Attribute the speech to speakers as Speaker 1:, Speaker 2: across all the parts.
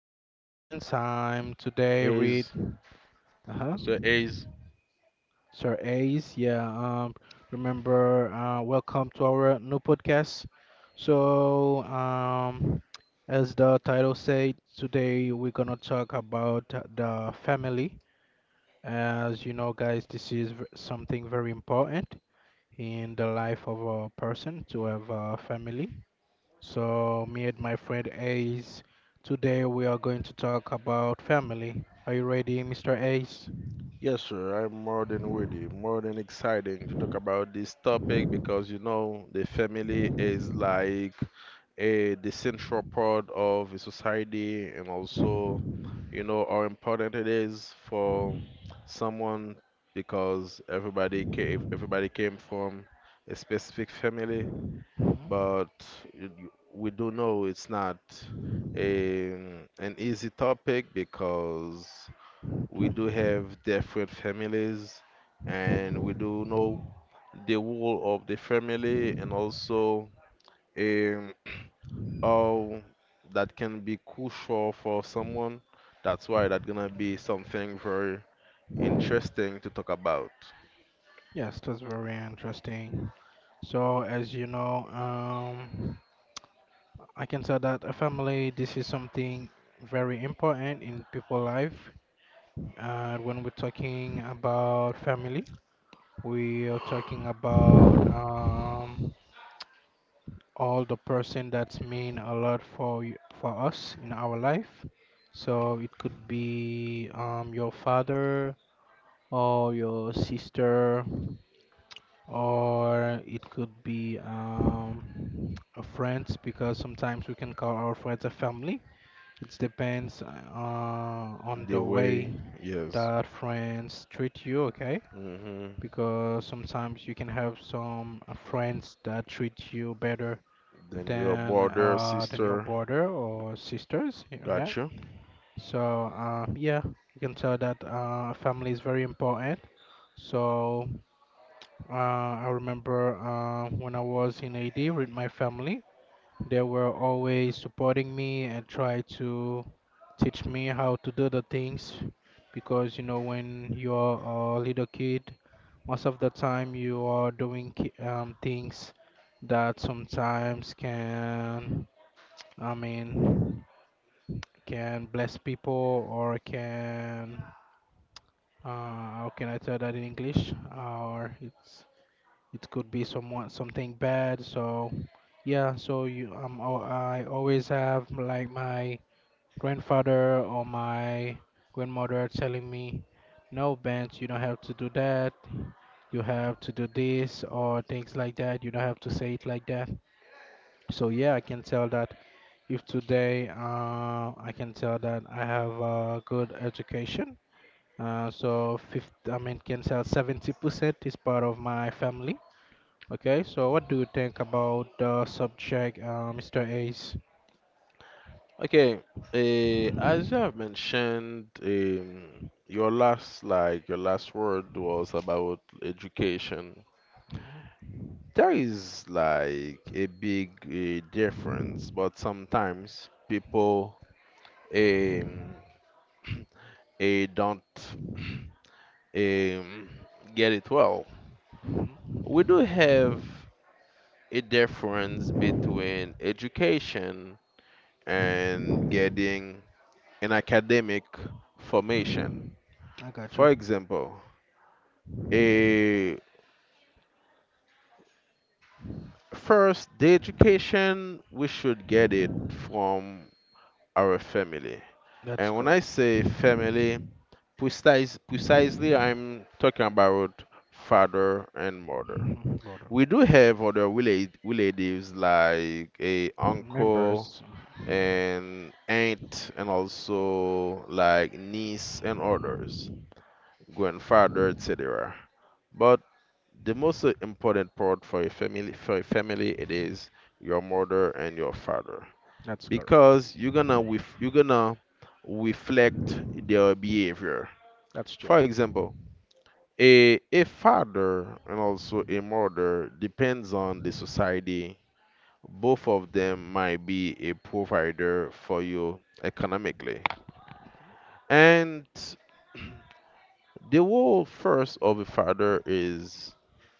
Speaker 1: is Mr. Benz. I'm today
Speaker 2: Is
Speaker 1: with, uh-huh,
Speaker 2: Mr. Ace.
Speaker 1: Sir Ace. Yeah, remember, welcome to our new podcast. So, as the title said, today we're gonna talk about the family. As you know, guys, this is something very important in the life of a person to have a family. So, me and my friend Ace, today we are going to talk about family. Are you ready, Mr. Ace?
Speaker 2: Yes, sir. I'm more than ready, more than exciting to talk about this topic because you know the family is like a the central part of a society, and also you know how important it is for someone because everybody came from a specific family,
Speaker 1: Mhm.
Speaker 2: but we do know it's not a, an easy topic because we do
Speaker 1: Mhm.
Speaker 2: have different families, and we
Speaker 1: Mhm.
Speaker 2: do know the role of the family and also um, how that can be crucial for someone. That's why that's
Speaker 1: Mhm.
Speaker 2: gonna be something very interesting to talk about.
Speaker 1: Yes, that's very interesting. So, as you know, I can say that a family, this is something very important in people's life. And when we're talking about family, we are talking about all the person that's mean a lot for for us in our life. So it could be your father or your sister, or it could be a friends because sometimes we can call our friends a family. It depends on
Speaker 2: The
Speaker 1: the
Speaker 2: way,
Speaker 1: way
Speaker 2: yes.
Speaker 1: that friends treat you, okay?
Speaker 2: Hmm.
Speaker 1: Because sometimes you can have some friends that treat you better
Speaker 2: Then your
Speaker 1: than
Speaker 2: brother,
Speaker 1: than your
Speaker 2: sister,
Speaker 1: brother or sisters, yeah,
Speaker 2: got
Speaker 1: right?
Speaker 2: you.
Speaker 1: So yeah, you can tell that family is very important. So I remember when I was in AD with my family, they were always supporting me and try to teach me how to do the things because you know when you're a little kid, most of the time you are doing things that sometimes can, I mean, can bless people, or can, uh, how can I tell that in English? Or it could be somewhat something bad. So yeah, I always have like my grandfather or my grandmother telling me, no, Benz, you don't have to do that. You have to do this or things like that. You don't have to say it like that. So yeah, I can tell that if today, I can tell that I have a good education. So fifth, I mean, can tell 70% is part of my family. Okay, so what do you think about the subject, Mr. Ace?
Speaker 2: Okay, as you have mentioned, your last like your last word was about education. There is like a big difference, but sometimes people um, don't um, get it well. We do have a difference between education and getting an academic formation.
Speaker 1: I got
Speaker 2: For
Speaker 1: you.
Speaker 2: example, a first the education we should get it from our family.
Speaker 1: That's
Speaker 2: And when I
Speaker 1: correct.
Speaker 2: say family, precisely I'm talking about father and mother.
Speaker 1: Hmm. Border.
Speaker 2: We do have other relatives like a uncle
Speaker 1: Members.
Speaker 2: and aunt and also like niece and others, grandfather, etc. But the most important part for a family it is your mother and your father
Speaker 1: That's correct.
Speaker 2: because you're gonna reflect their behavior.
Speaker 1: That's true.
Speaker 2: For example, a father and also a mother depends on the society, both of them might be a provider for you economically and the role first of a father is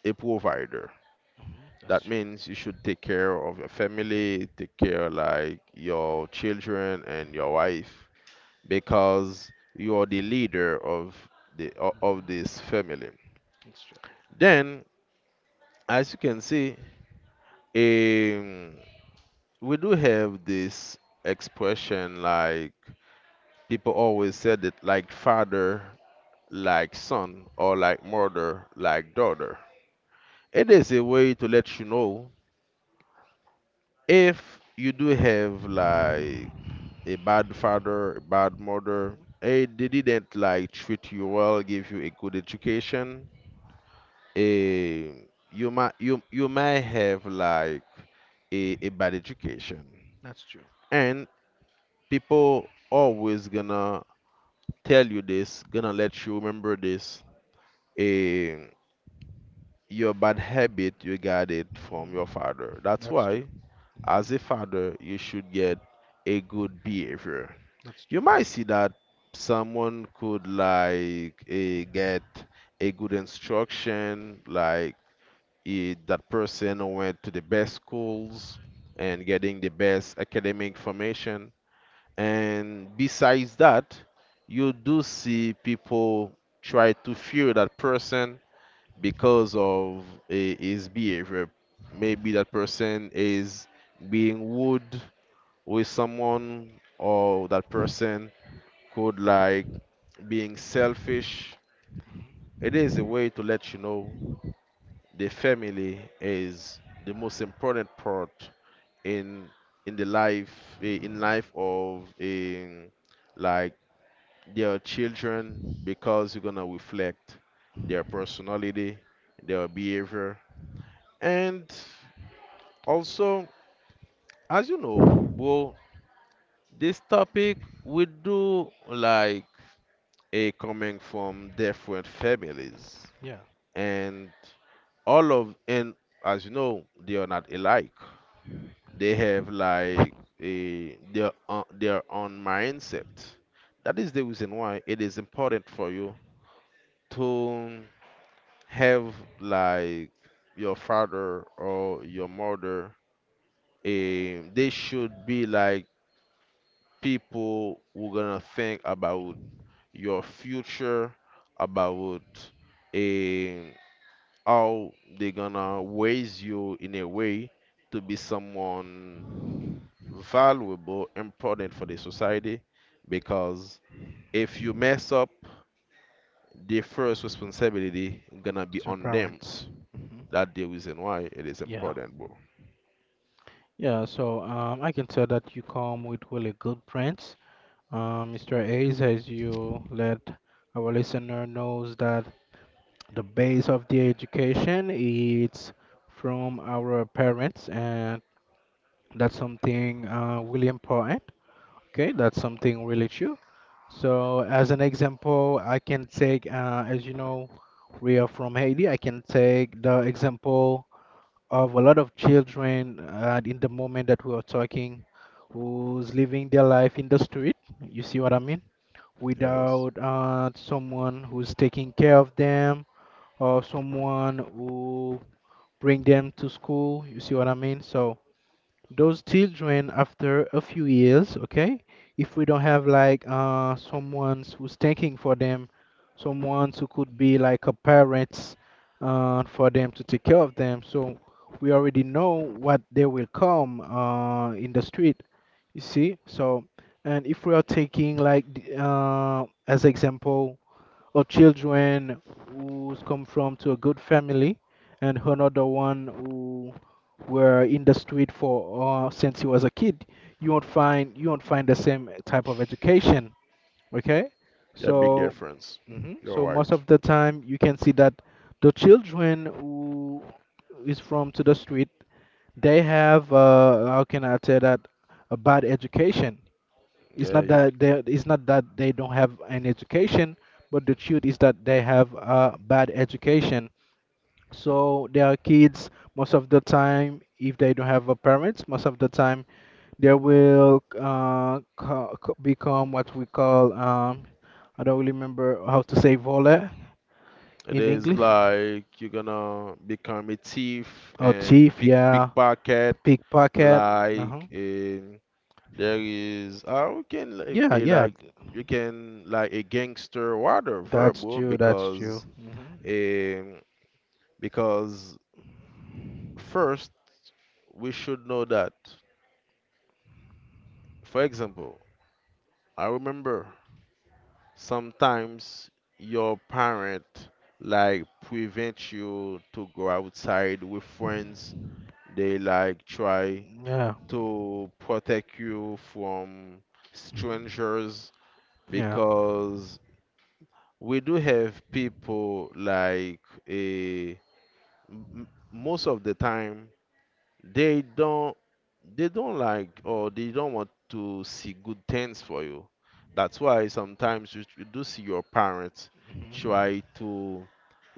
Speaker 2: a provider.
Speaker 1: Hmm. That's
Speaker 2: That
Speaker 1: true.
Speaker 2: means you should take care of your family, take care like your children and your wife, because you are the leader of of
Speaker 1: Hmm.
Speaker 2: this family.
Speaker 1: That's true.
Speaker 2: Then, as you can see, um, we do have this expression like people always said it like father, like son, or like mother, like daughter. It is a way to let you know if you do have like a bad father, a bad mother. They didn't like treat you well, give you a good education. Eh, you you might have like a bad education,
Speaker 1: That's true.
Speaker 2: and people always gonna tell you this, gonna let you remember this. Eh, your bad habit you got it from your
Speaker 1: Hmm.
Speaker 2: father. That's
Speaker 1: That's true.
Speaker 2: why,
Speaker 1: Hmm.
Speaker 2: as a father, you should get a good behavior.
Speaker 1: That's
Speaker 2: You
Speaker 1: true.
Speaker 2: might see that someone could like get a good instruction, like that person went to the best schools and getting the best academic formation. And besides that, you do see people try to fear that person because of his behavior. Maybe that person is being rude with someone, or that person could like being selfish. It is a way to let you know the family is the most important part in the life eh, in life of in like their children because you're gonna reflect their personality, their behavior, and also as you know, well, this topic we do like a coming from different families.
Speaker 1: Yeah.
Speaker 2: And all of and as you know they are not alike, they have like a their own mindset. That is the reason why it is important for you to have like your father or your mother. They should be like people who gonna think about your future, about um, how they gonna raise you in a way to be someone valuable, important for the society. Because if you mess up, the first responsibility gonna be
Speaker 1: It's your
Speaker 2: on them.
Speaker 1: parents. Hmm.
Speaker 2: That the reason why it is
Speaker 1: Yeah,
Speaker 2: important, bro.
Speaker 1: yeah. So I can tell that you come with really good prints, Mr. Hayes, as you let our listener knows that the base of the education is from our parents, and that's something really important. Okay, that's something really true. So as an example, I can take, as you know, we are from Haiti. I can take the example of a lot of children in the moment that we are talking who's living their life in the street. You see what I mean?
Speaker 2: Yes,
Speaker 1: Without someone who's taking care of them, or someone who bring them to school. You see what I mean? So those children after a few years, okay, if we don't have like someone who's thinking for them, someone who could be like a parents for them to take care of them, so we already know what they will come in the street. You see? So, and if we are taking like the, as example, or children who's come from to a good family, and another one who were in the street for, since he was a kid, you won't find the same type of education, okay.
Speaker 2: yeah, big
Speaker 1: So
Speaker 2: difference. You're
Speaker 1: most
Speaker 2: right.
Speaker 1: of the time you can see that the children who is from to the street, they have, how can I tell that, a bad education. it's
Speaker 2: Yeah,
Speaker 1: not
Speaker 2: you,
Speaker 1: that they it's not that they don't have an education, but the truth is that they have a bad education. So there are kids most of the time, if they don't have a parents, most of the time they will become what we call, I don't really remember how to say voler
Speaker 2: it
Speaker 1: in
Speaker 2: is
Speaker 1: English.
Speaker 2: like you're gonna become a thief
Speaker 1: Oh,
Speaker 2: and
Speaker 1: thief, yeah,
Speaker 2: pickpocket,
Speaker 1: pickpocket. Uh-huh.
Speaker 2: like there is we can like,
Speaker 1: Yeah, yeah,
Speaker 2: like you can like a gangster water
Speaker 1: that's
Speaker 2: verbal
Speaker 1: true. That's true. Hmm.
Speaker 2: um because first we should know that, for example, I remember sometimes your parent like prevent you to go outside with friends. They like try
Speaker 1: Yeah.
Speaker 2: to protect you from
Speaker 1: Hmm.
Speaker 2: strangers
Speaker 1: Yeah.
Speaker 2: because we do have people like a most of the time they don't, they don't like or they don't want to see good things for you. That's why sometimes you do see your parents
Speaker 1: Mm-hmm.
Speaker 2: try to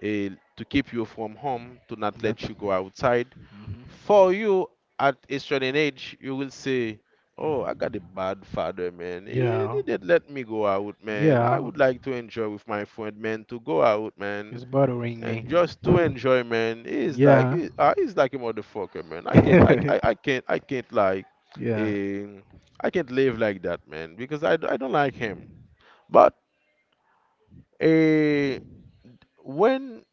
Speaker 2: eh, to keep you from home to not let
Speaker 1: That's.
Speaker 2: you go outside.
Speaker 1: Hmm.
Speaker 2: For you at a certain age, you will say, "Oh, I
Speaker 1: Hmm.
Speaker 2: got a bad father, man.
Speaker 1: Yeah.
Speaker 2: He didn't let me go out, man. I
Speaker 1: Yeah.
Speaker 2: would like to enjoy with my friend, man, to go out, man,
Speaker 1: It's bothering
Speaker 2: and
Speaker 1: me.
Speaker 2: just to enjoy, man.
Speaker 1: yeah.
Speaker 2: He's like a motherfucker, man.
Speaker 1: yeah.
Speaker 2: I can't, um, I can't live like that, man, because I don't like him. But uh, when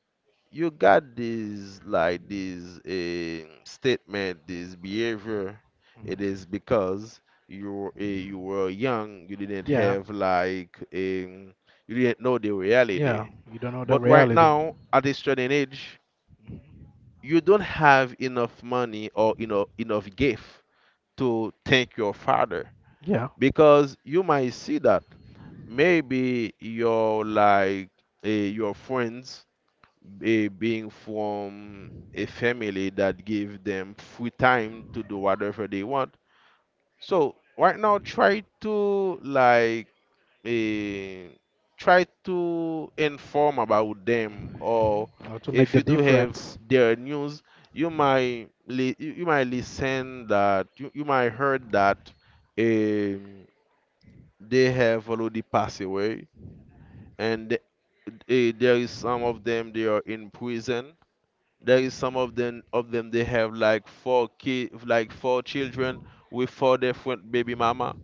Speaker 2: you got this statement, this behavior. It is
Speaker 1: Hmm.
Speaker 2: because you were young, you didn't
Speaker 1: Yeah.
Speaker 2: have like you didn't know the reality.
Speaker 1: Yeah. You don't know the
Speaker 2: But right
Speaker 1: reality.
Speaker 2: now, at this certain age,
Speaker 1: Mhm.
Speaker 2: you don't have enough money or you know enough gift to thank your father
Speaker 1: Yeah.
Speaker 2: because you might see that maybe your friends being from a family that give them free time to do whatever they want. So right now, try to like eh, try to inform about them,
Speaker 1: Hmm.
Speaker 2: or
Speaker 1: How to make
Speaker 2: if
Speaker 1: the
Speaker 2: you do have
Speaker 1: difference.
Speaker 2: their news, you might you might listen that you might heard that um, they have already passed away and. There is some of them they are in prison, there is some of them they have like four kid like four children with four different baby mama.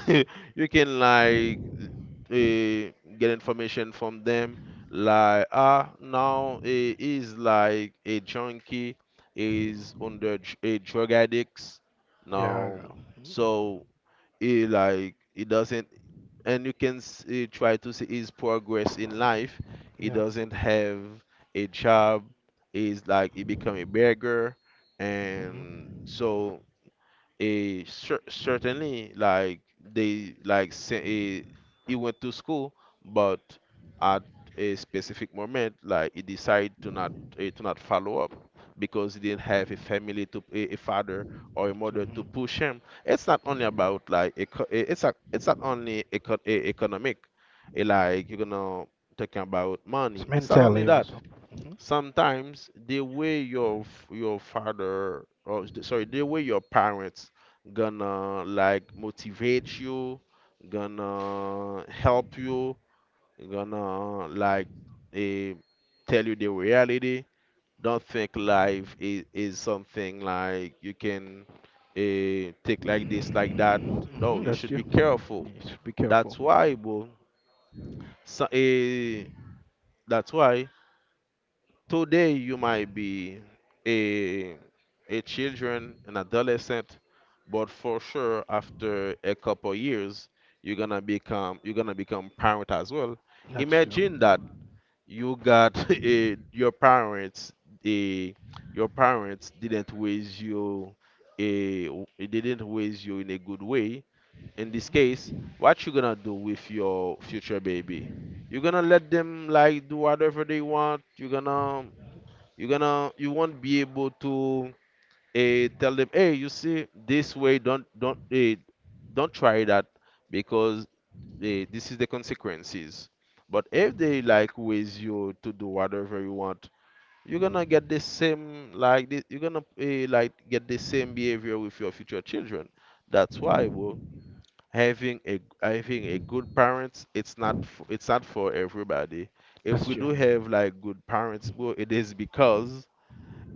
Speaker 2: You can like uh,
Speaker 1: Mhm.
Speaker 2: get information from them, like, ah, now he is like a junkie, is under a drug addicts
Speaker 1: Yeah. I
Speaker 2: now.
Speaker 1: go. Mhm.
Speaker 2: So he he doesn't, and you can see, try to see his progress in life, he
Speaker 1: Yeah.
Speaker 2: doesn't have a job, he's like he become a beggar, and
Speaker 1: Hmm.
Speaker 2: so, certainly, like they like say, he went to school, but at a specific moment, like he decided to not to not follow up because he didn't have a family to a father or a mother
Speaker 1: Hmm.
Speaker 2: to push him. It's not only about like it's it's not only economic, like you're gonna talking about
Speaker 1: It's
Speaker 2: money. It's not only
Speaker 1: mentally
Speaker 2: that.
Speaker 1: also. Hmm.
Speaker 2: Sometimes the way your f- your father or s- sorry the way your parents gonna like motivate you, gonna help you, gonna like eh, tell you the reality. Don't think is something like you can take like that. No,
Speaker 1: Hmm.
Speaker 2: you
Speaker 1: That's
Speaker 2: should
Speaker 1: true.
Speaker 2: be careful.
Speaker 1: Yes, be careful.
Speaker 2: That's why, bro. So, that's why today you might be a a children, an adolescent, but for sure after a couple years you're gonna become parent as well.
Speaker 1: That's true.
Speaker 2: Imagine that you got a, your parents a didn't raise you in a good way. In this case,
Speaker 1: Mhm.
Speaker 2: what you gonna do with your future baby? You're gonna let them like do whatever they want. You won't be able to tell them, hey, you see this way, don't don't try that because this is the consequences. But if they like with you to do whatever you want, you're gonna like get the same behavior with your future children. That's why, bro, having a good parents it's not f- it's not for everybody. If
Speaker 1: That's
Speaker 2: we
Speaker 1: true.
Speaker 2: do have like good parents, bro, it is because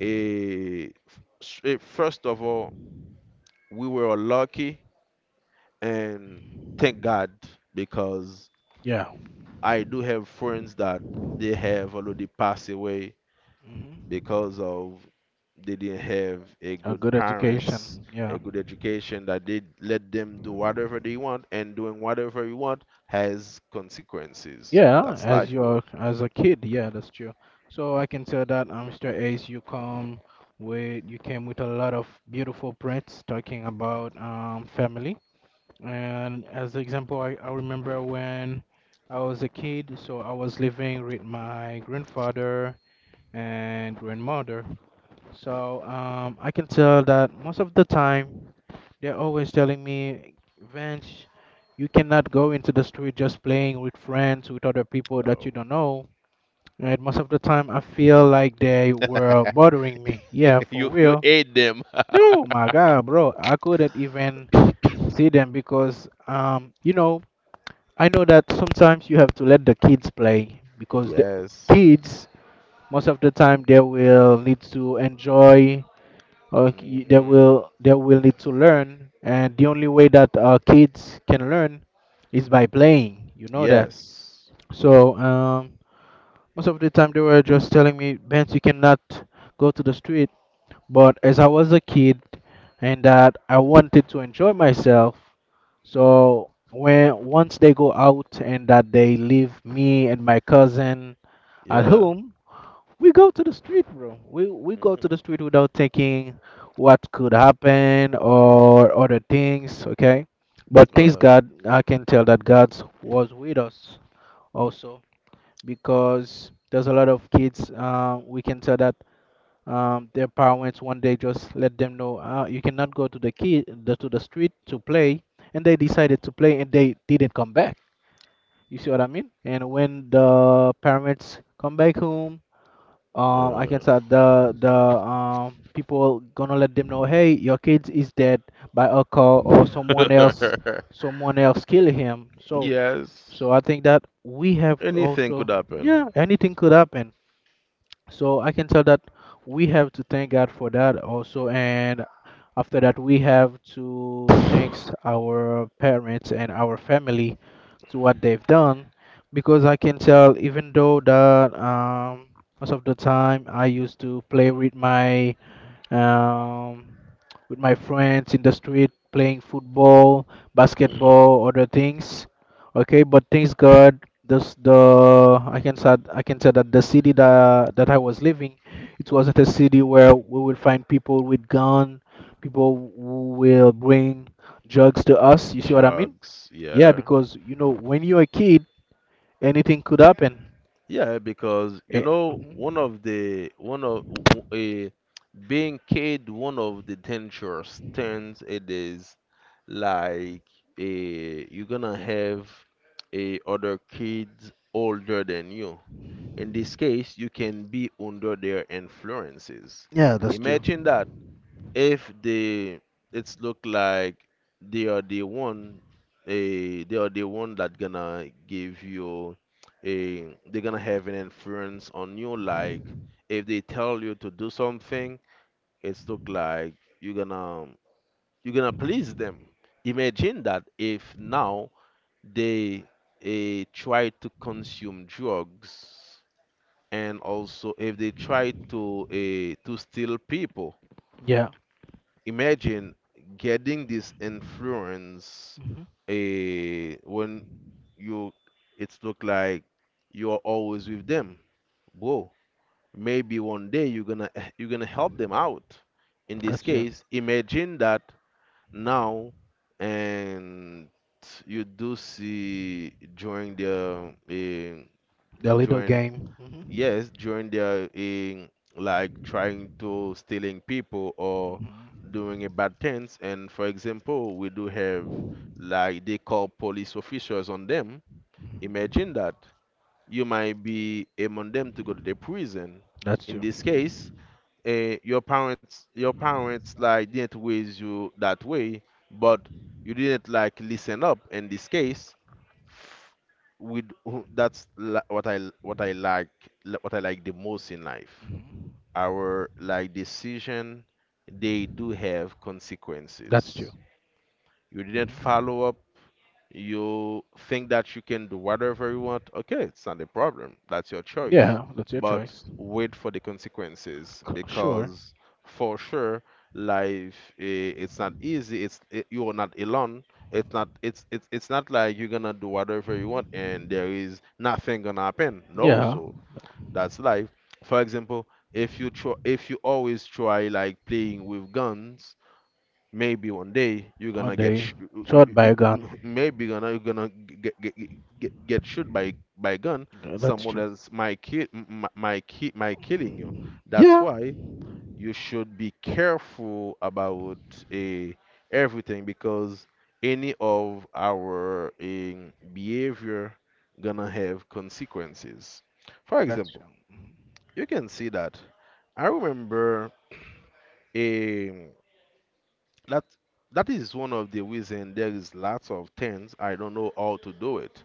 Speaker 2: eh, first of all, we were lucky and thank God, because
Speaker 1: Yeah.
Speaker 2: I do have friends that they have already passed away
Speaker 1: Hmm.
Speaker 2: because of they didn't have a
Speaker 1: A
Speaker 2: good
Speaker 1: good.
Speaker 2: parents,
Speaker 1: Education. Yeah.
Speaker 2: a good education, that they let them do whatever they want, and doing whatever you want has consequences.
Speaker 1: Yeah,
Speaker 2: That's life,
Speaker 1: as
Speaker 2: bro.
Speaker 1: your as a kid, yeah, that's true. So I can tell that, Mr. Ace, you came with a lot of beautiful prints talking about, family. And as an example, I remember when I was a kid, so I was living with my grandfather and grandmother. So I can tell that most of the time, they're always telling me, Vince, you cannot go into the street just playing with friends, with other people that you
Speaker 2: No.
Speaker 1: don't know. And most of the time, I feel like they were bothering me. Yeah, for
Speaker 2: You
Speaker 1: real.
Speaker 2: aid them.
Speaker 1: No, my God, bro, I couldn't even see them because, you know, I know that sometimes you have to let the kids play because the
Speaker 2: Yes.
Speaker 1: kids, most of the time, they will need to enjoy, they
Speaker 2: Hmm.
Speaker 1: will they will need to learn, and the only way that kids can learn is by playing, you know that.
Speaker 2: Yes.
Speaker 1: So most of the time they were just telling me, Benz, you cannot go to the street, but as I was a kid and that I wanted to enjoy myself, so when once they go out and that they leave me and my cousin at
Speaker 2: Yeah.
Speaker 1: home, we go to the street, bro. We go to
Speaker 2: Mhm.
Speaker 1: the street without thinking what could happen or other things, okay? But thanks
Speaker 2: Well,
Speaker 1: God, I can tell that God was with us also because there's a lot of kids. We can tell that their parents one day just let them know, you cannot go to to the street to play, and they decided to play and they didn't come back. You see what I mean? And when the parents come back home, I can say, the people gonna let them know, hey, your kids is dead by a car or
Speaker 2: yeah.
Speaker 1: someone else kill him. So
Speaker 2: Yes.
Speaker 1: so I think that we have to
Speaker 2: Anything
Speaker 1: also,
Speaker 2: could happen.
Speaker 1: yeah, anything could happen. So I can tell that we have to thank God for that also. And after that, we have to thank our parents and our family to what they've done. Because I can tell, even though that, most of the time I used to play with my, um, with my friends in the street playing football, basketball, other things. Okay, but things God, this the I can say that the city that I was living, it wasn't a city where we will find people with gun, people who will bring drugs to us. You see what I mean?
Speaker 2: Drugs,
Speaker 1: Yeah,
Speaker 2: yeah.
Speaker 1: because you know when you're a kid, anything could happen.
Speaker 2: Yeah, because you
Speaker 1: Eh,
Speaker 2: know
Speaker 1: mhm.
Speaker 2: one of a being kid one of the dangerous things it is like a you're gonna have a other kids older than you. In this case, you can be under their influences.
Speaker 1: Yeah, that's true.
Speaker 2: Imagine that if they, it's look like they are the one, a they are the one that gonna give you a they're gonna have an influence on you. Like if they tell you to do something, it's look like you're gonna you're gonna please them. Imagine that if now they try to consume drugs, and also if they try to to steal people,
Speaker 1: Yeah.
Speaker 2: imagine getting this influence
Speaker 1: Mm-hmm.
Speaker 2: when you, it's look like you're always with them. Whoa, maybe one day you're gonna you're gonna help them out. In this
Speaker 1: That's yeah.
Speaker 2: case, imagine that now, and you do see during the eh,
Speaker 1: The little
Speaker 2: during
Speaker 1: game. Hmm.
Speaker 2: yes, during their in, like, trying to stealing people or
Speaker 1: Hmm.
Speaker 2: doing a bad things. And for example, we do have like they call police officers on them. Imagine that you might be among them to go to the prison.
Speaker 1: That's
Speaker 2: In
Speaker 1: true.
Speaker 2: this case, your parents like didn't raise you that way, but you didn't like listen up. In this case, with who, what I like what I like the most in life.
Speaker 1: Hmm.
Speaker 2: Our like decision, they do have
Speaker 1: That's true.
Speaker 2: consequences. You didn't
Speaker 1: Hmm.
Speaker 2: follow up. You think that you can do whatever you want, okay, it's not a problem. That's your choice.
Speaker 1: Yeah, that's your
Speaker 2: But
Speaker 1: choice.
Speaker 2: wait for the consequences,
Speaker 1: Sure.
Speaker 2: because for sure life it's not easy. You're not alone. It's not like you're gonna do whatever you want and there
Speaker 1: Hmm.
Speaker 2: is nothing gonna happen. No,
Speaker 1: Yeah,
Speaker 2: so that's life. For example, if you always try like playing with guns, maybe one day you're
Speaker 1: one
Speaker 2: gonna get
Speaker 1: day.
Speaker 2: sh- you-
Speaker 1: Shot
Speaker 2: you-
Speaker 1: by a
Speaker 2: you-
Speaker 1: gun.
Speaker 2: you- maybe gonna you're gonna get get get shot by gun.
Speaker 1: Yeah, that's
Speaker 2: Someone
Speaker 1: true.
Speaker 2: else might might killing you. That's
Speaker 1: Yeah,
Speaker 2: why you should be careful about a everything, because any of our behavior gonna have consequences. For
Speaker 1: that's
Speaker 2: example,
Speaker 1: true.
Speaker 2: you can see that. I remember eh, that that is one of the reasons there is lots of things I don't know how to do it.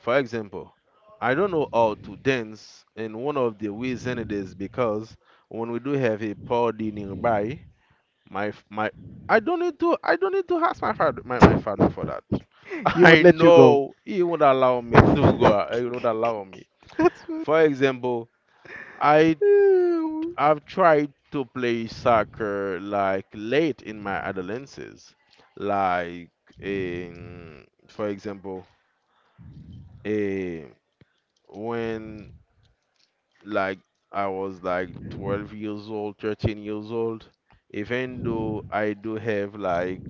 Speaker 2: For example, I don't know how to dance, and one of the reason it is because when we do have a party nearby, my I don't need to ask my father my father for that.
Speaker 1: You would
Speaker 2: I
Speaker 1: let you go.
Speaker 2: know he would allow me to go. Out, He would allow me.
Speaker 1: that's what.
Speaker 2: For example, I
Speaker 1: Ew.
Speaker 2: I've tried to play soccer like late in my adolescence, like in, for example, eh, when like I was like 12 years old, 13 years old. Even though I do have like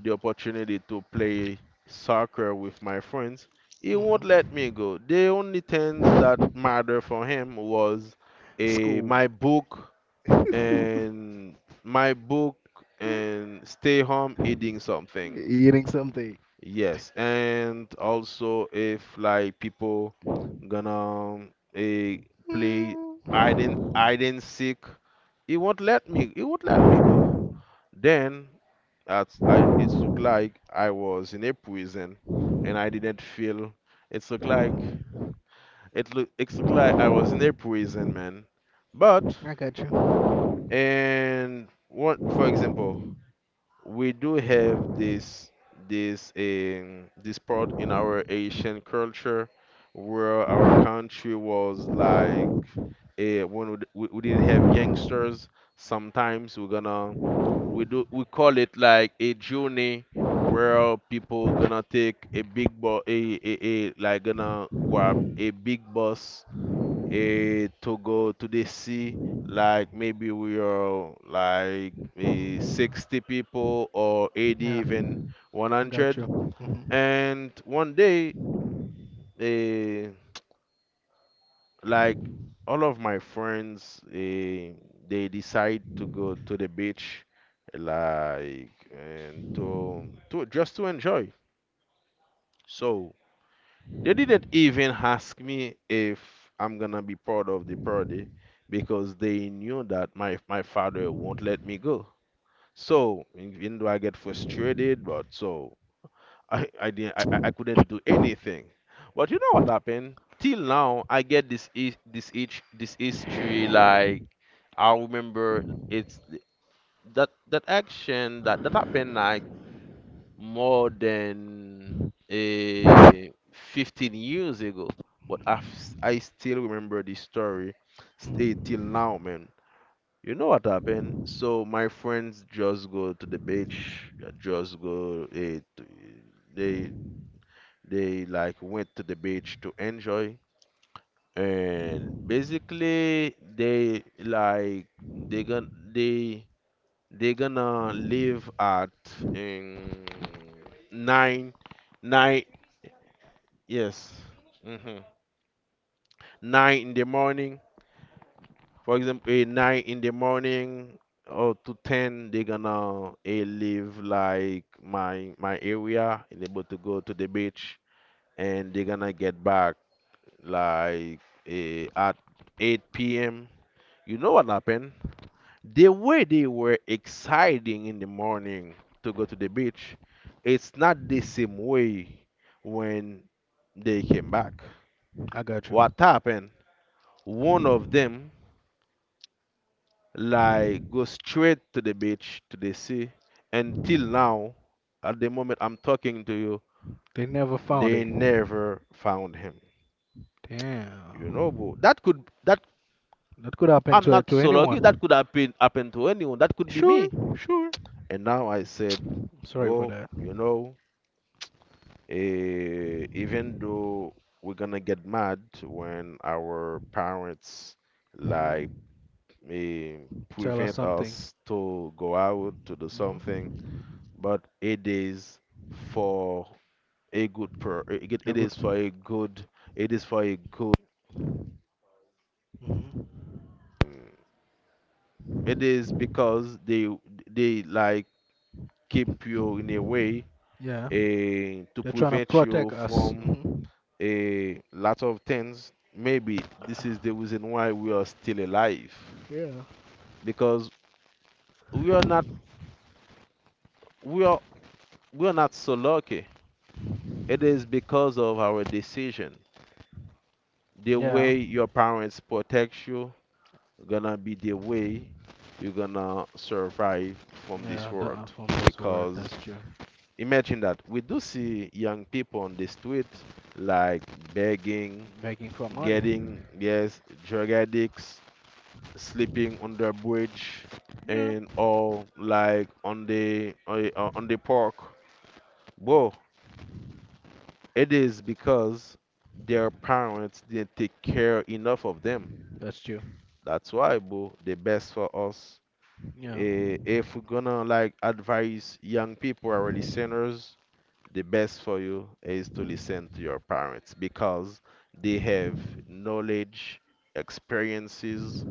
Speaker 2: the opportunity to play soccer with my friends, he won't let
Speaker 1: Mhm.
Speaker 2: me go. The only things that matter for him was eh,
Speaker 1: School.
Speaker 2: my book and my book and stay home eating something.
Speaker 1: Eating something.
Speaker 2: Yes, and also if like people gonna eh, play
Speaker 1: Mm,
Speaker 2: hide and seek, it won't let me. It won't let me go. Then at I it looked like I was in a prison, and I didn't feel. It looked like it looked like I was in a prison, man. But
Speaker 1: I got you.
Speaker 2: and what for example, we do have this this part in our Asian culture where our country was like when we we didn't have gangsters. Sometimes we're gonna, we do, we call it like a journey where people gonna take a big bus a like gonna grab a big bus to go to the sea. Like maybe we are like
Speaker 1: Mhm.
Speaker 2: 60 people or 80,
Speaker 1: Yeah,
Speaker 2: even
Speaker 1: I got
Speaker 2: 100.
Speaker 1: you. Mhm.
Speaker 2: And one day, eh, like all of my friends, they decide to go to the beach, like and to just to enjoy. So they didn't even ask me if I'm gonna be part of the party because they knew that my father won't let me go. So even though I get frustrated, but so I didn't I couldn't do anything. But you know what happened? Till now I get this history. Like I remember that action that happened like more than a 15 years ago, but I still remember the story stay till now, man. You know what happened? So my friends just go to the beach, just go eh, to, they they like went to the beach to enjoy and basically they like they gonna they they're gonna leave at um, nine, nine. Yes. Hmm. Nine in the morning. For example, a nine in the morning or to ten, they're gonna leave like my area and able to go to the beach, and they're gonna get back like at 8 p.m. You know what happened? The way they were exciting in the morning to go to the beach, it's not the same way when they came back.
Speaker 1: I got you.
Speaker 2: What happened? One of them like go straight to the beach to the sea. Until now, at the moment I'm talking to you,
Speaker 1: They never found
Speaker 2: they
Speaker 1: it.
Speaker 2: never found him. You know,
Speaker 1: Damn.
Speaker 2: bro. That could that
Speaker 1: That could happen
Speaker 2: I'm
Speaker 1: to
Speaker 2: not
Speaker 1: to
Speaker 2: so lucky. That
Speaker 1: anyone.
Speaker 2: could happen to anyone. That could be
Speaker 1: Sure,
Speaker 2: me.
Speaker 1: sure.
Speaker 2: And now I said,
Speaker 1: Sorry for
Speaker 2: bro,
Speaker 1: that.
Speaker 2: you know. Even though we're gonna get mad when our parents like
Speaker 1: Mhm.
Speaker 2: eh,
Speaker 1: Tell us
Speaker 2: prevent
Speaker 1: something.
Speaker 2: us to go out to do something,
Speaker 1: Mm-hmm.
Speaker 2: but it is for a
Speaker 1: A
Speaker 2: it
Speaker 1: good.
Speaker 2: is for a good it is for a good,
Speaker 1: Hmm.
Speaker 2: it is because they like keep you in a way
Speaker 1: Yeah,
Speaker 2: to
Speaker 1: they're trying to
Speaker 2: prevent you
Speaker 1: protect us.
Speaker 2: from
Speaker 1: Hmm.
Speaker 2: a lot of things. Maybe this is the reason why we are still alive,
Speaker 1: Yeah.
Speaker 2: because we are not, we are, we are not so lucky. It is because of our decision. The
Speaker 1: Yeah,
Speaker 2: way your parents protect you gonna be the way you're gonna survive from
Speaker 1: yeah,
Speaker 2: this
Speaker 1: the,
Speaker 2: world.
Speaker 1: from this word. That's
Speaker 2: Because
Speaker 1: true.
Speaker 2: imagine that we do see young people on the street like begging,
Speaker 1: Begging for money.
Speaker 2: getting yes, drug addicts, sleeping under a bridge
Speaker 1: Yeah,
Speaker 2: and or like on the park. Bro, it is because their parents didn't take care enough of them.
Speaker 1: that's true.
Speaker 2: That's why, bro, the best for us.
Speaker 1: Yeah,
Speaker 2: If we're gonna like advise young people or listeners, the best for you is to listen to your parents, because they have knowledge, experiences.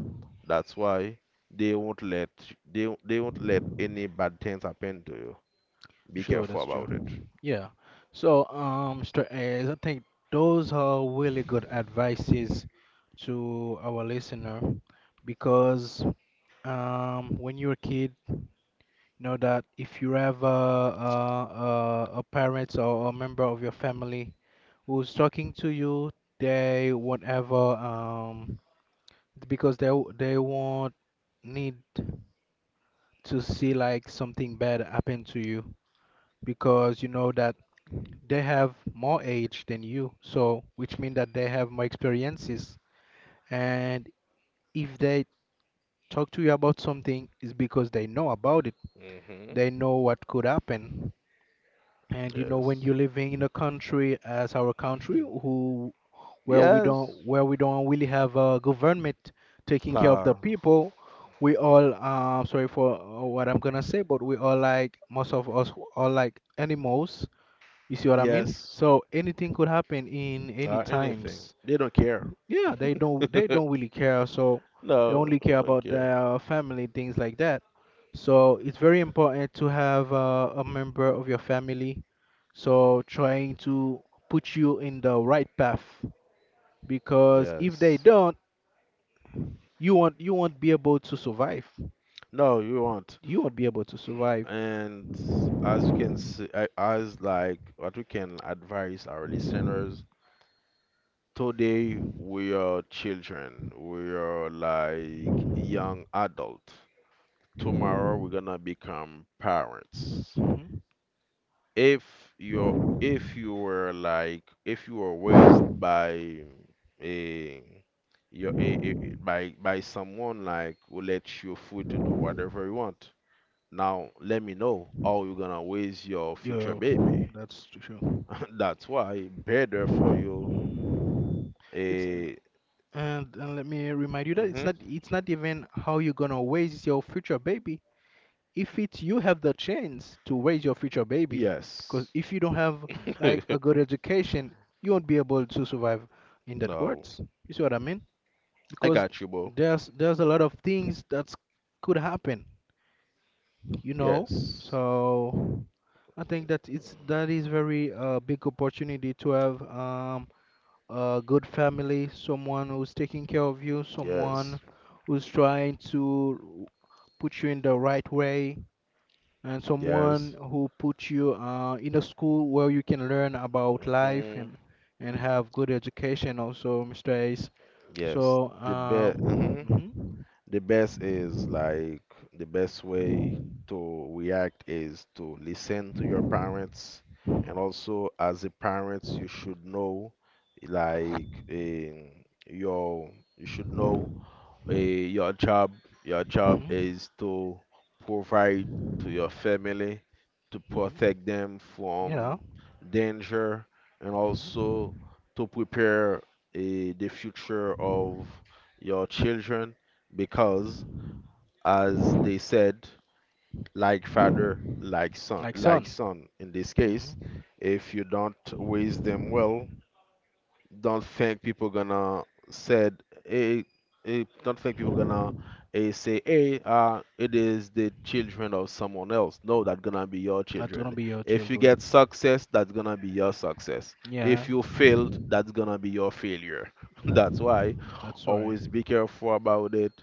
Speaker 2: That's why they won't let, they won't let any bad things happen to you. Be
Speaker 1: sure,
Speaker 2: careful
Speaker 1: that's
Speaker 2: about it.
Speaker 1: true. Yeah. So, Mr. Ayers, I think those are really good advices to our listener because, when you're a kid, know that if you have a parent or a member of your family who's talking to you, they whatever because they, they won't need to see like something bad happen to you, because you know that they have more age than you, so which means that they have more experiences. And if they talk to you about something, it's because they know about it.
Speaker 2: Hmm.
Speaker 1: They know what could happen. And you know, when
Speaker 2: Yes.
Speaker 1: you're living in a country as our country, who
Speaker 2: Yes.
Speaker 1: where we don't really have a government taking care of the
Speaker 2: No.
Speaker 1: people, we all, sorry for, what I'm gonna say, but we all like most of us are like animals. You see what I mean?
Speaker 2: Yes.
Speaker 1: So anything could happen in any
Speaker 2: Or anything.
Speaker 1: times.
Speaker 2: They don't care.
Speaker 1: Yeah, they don't really care, so they
Speaker 2: No,
Speaker 1: only care
Speaker 2: don't
Speaker 1: about
Speaker 2: care.
Speaker 1: their family, things like that. So it's very important to have, a member of your family, so trying to put you in the right path, because if they
Speaker 2: Yes.
Speaker 1: don't, you won't be able to survive.
Speaker 2: No, you won't.
Speaker 1: You won't be able to survive.
Speaker 2: And as you can see, as like what we can advise our listeners, today we are children, we are like young adult. Tomorrow we're gonna become parents.
Speaker 1: Hmm.
Speaker 2: If you're, if you were like, if you were raised by a your by someone like who lets you free to do whatever you want. Now, let me know how you're gonna raise your future
Speaker 1: Yeah,
Speaker 2: baby.
Speaker 1: that's true.
Speaker 2: That's why better for you.
Speaker 1: It's,
Speaker 2: A.
Speaker 1: and let me remind you that
Speaker 2: Hmm.
Speaker 1: it's not even how you're gonna raise your future baby. If it's you have the chance to raise your future baby, because
Speaker 2: Yes.
Speaker 1: if you don't have like a good education, you won't be able to survive in that world.
Speaker 2: No,
Speaker 1: You see what I mean?
Speaker 2: I
Speaker 1: Because
Speaker 2: got you, bro.
Speaker 1: there's a lot of things that could happen, you know.
Speaker 2: Yes,
Speaker 1: So I think that it's that is very, big opportunity to have, a good family, someone who's taking care of you,
Speaker 2: yes,
Speaker 1: someone who's trying to put you in the right way, and someone
Speaker 2: yes.
Speaker 1: who puts you, in a school where you can learn about life,
Speaker 2: Hmm.
Speaker 1: and have good education also, Mr. Ace.
Speaker 2: Yes,
Speaker 1: So,
Speaker 2: the best.
Speaker 1: mhm,
Speaker 2: The best is like the best way to react is to listen to your parents, and also as a parent you should know like your you should know your job, your job
Speaker 1: mhm,
Speaker 2: is to provide to your family, to
Speaker 1: mhm,
Speaker 2: protect them
Speaker 1: yeah,
Speaker 2: from danger, and
Speaker 1: mhm.
Speaker 2: also to prepare the future of your children, because as they said, like father like son,
Speaker 1: Like
Speaker 2: like
Speaker 1: son,
Speaker 2: son. In this case,
Speaker 1: hmm,
Speaker 2: if you don't raise them well, don't think people gonna said eh, don't think people gonna say, hey it is the children of someone else, no, that's gonna be your
Speaker 1: that's gonna
Speaker 2: children.
Speaker 1: be your
Speaker 2: If you get
Speaker 1: children.
Speaker 2: success, that's gonna be your success.
Speaker 1: Yeah,
Speaker 2: If you failed, that's gonna be your failure. That's why
Speaker 1: that's right.
Speaker 2: always be careful about it.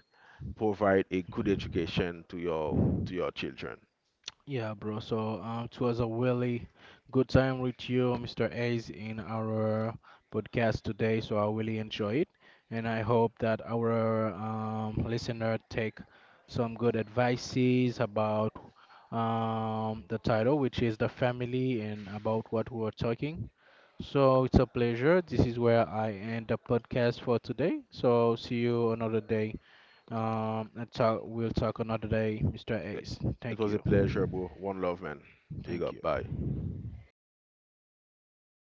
Speaker 2: Provide a good education to your, to your children.
Speaker 1: Yeah, bro. So it was a really good time with you, Mr. Ace, in our podcast today. So I really enjoy it, and I hope that our, listener take some good advices about, the title, which is the family, and about what we are talking. So it's a pleasure. This is where I end the podcast for today. So see you another day. And talk. We'll talk another day, Mr.
Speaker 2: it
Speaker 1: Ace.
Speaker 2: it
Speaker 1: Thank
Speaker 2: was a
Speaker 1: you.
Speaker 2: pleasure, bro. One love, man. Big
Speaker 1: Thank
Speaker 2: up,
Speaker 1: you.
Speaker 2: bye.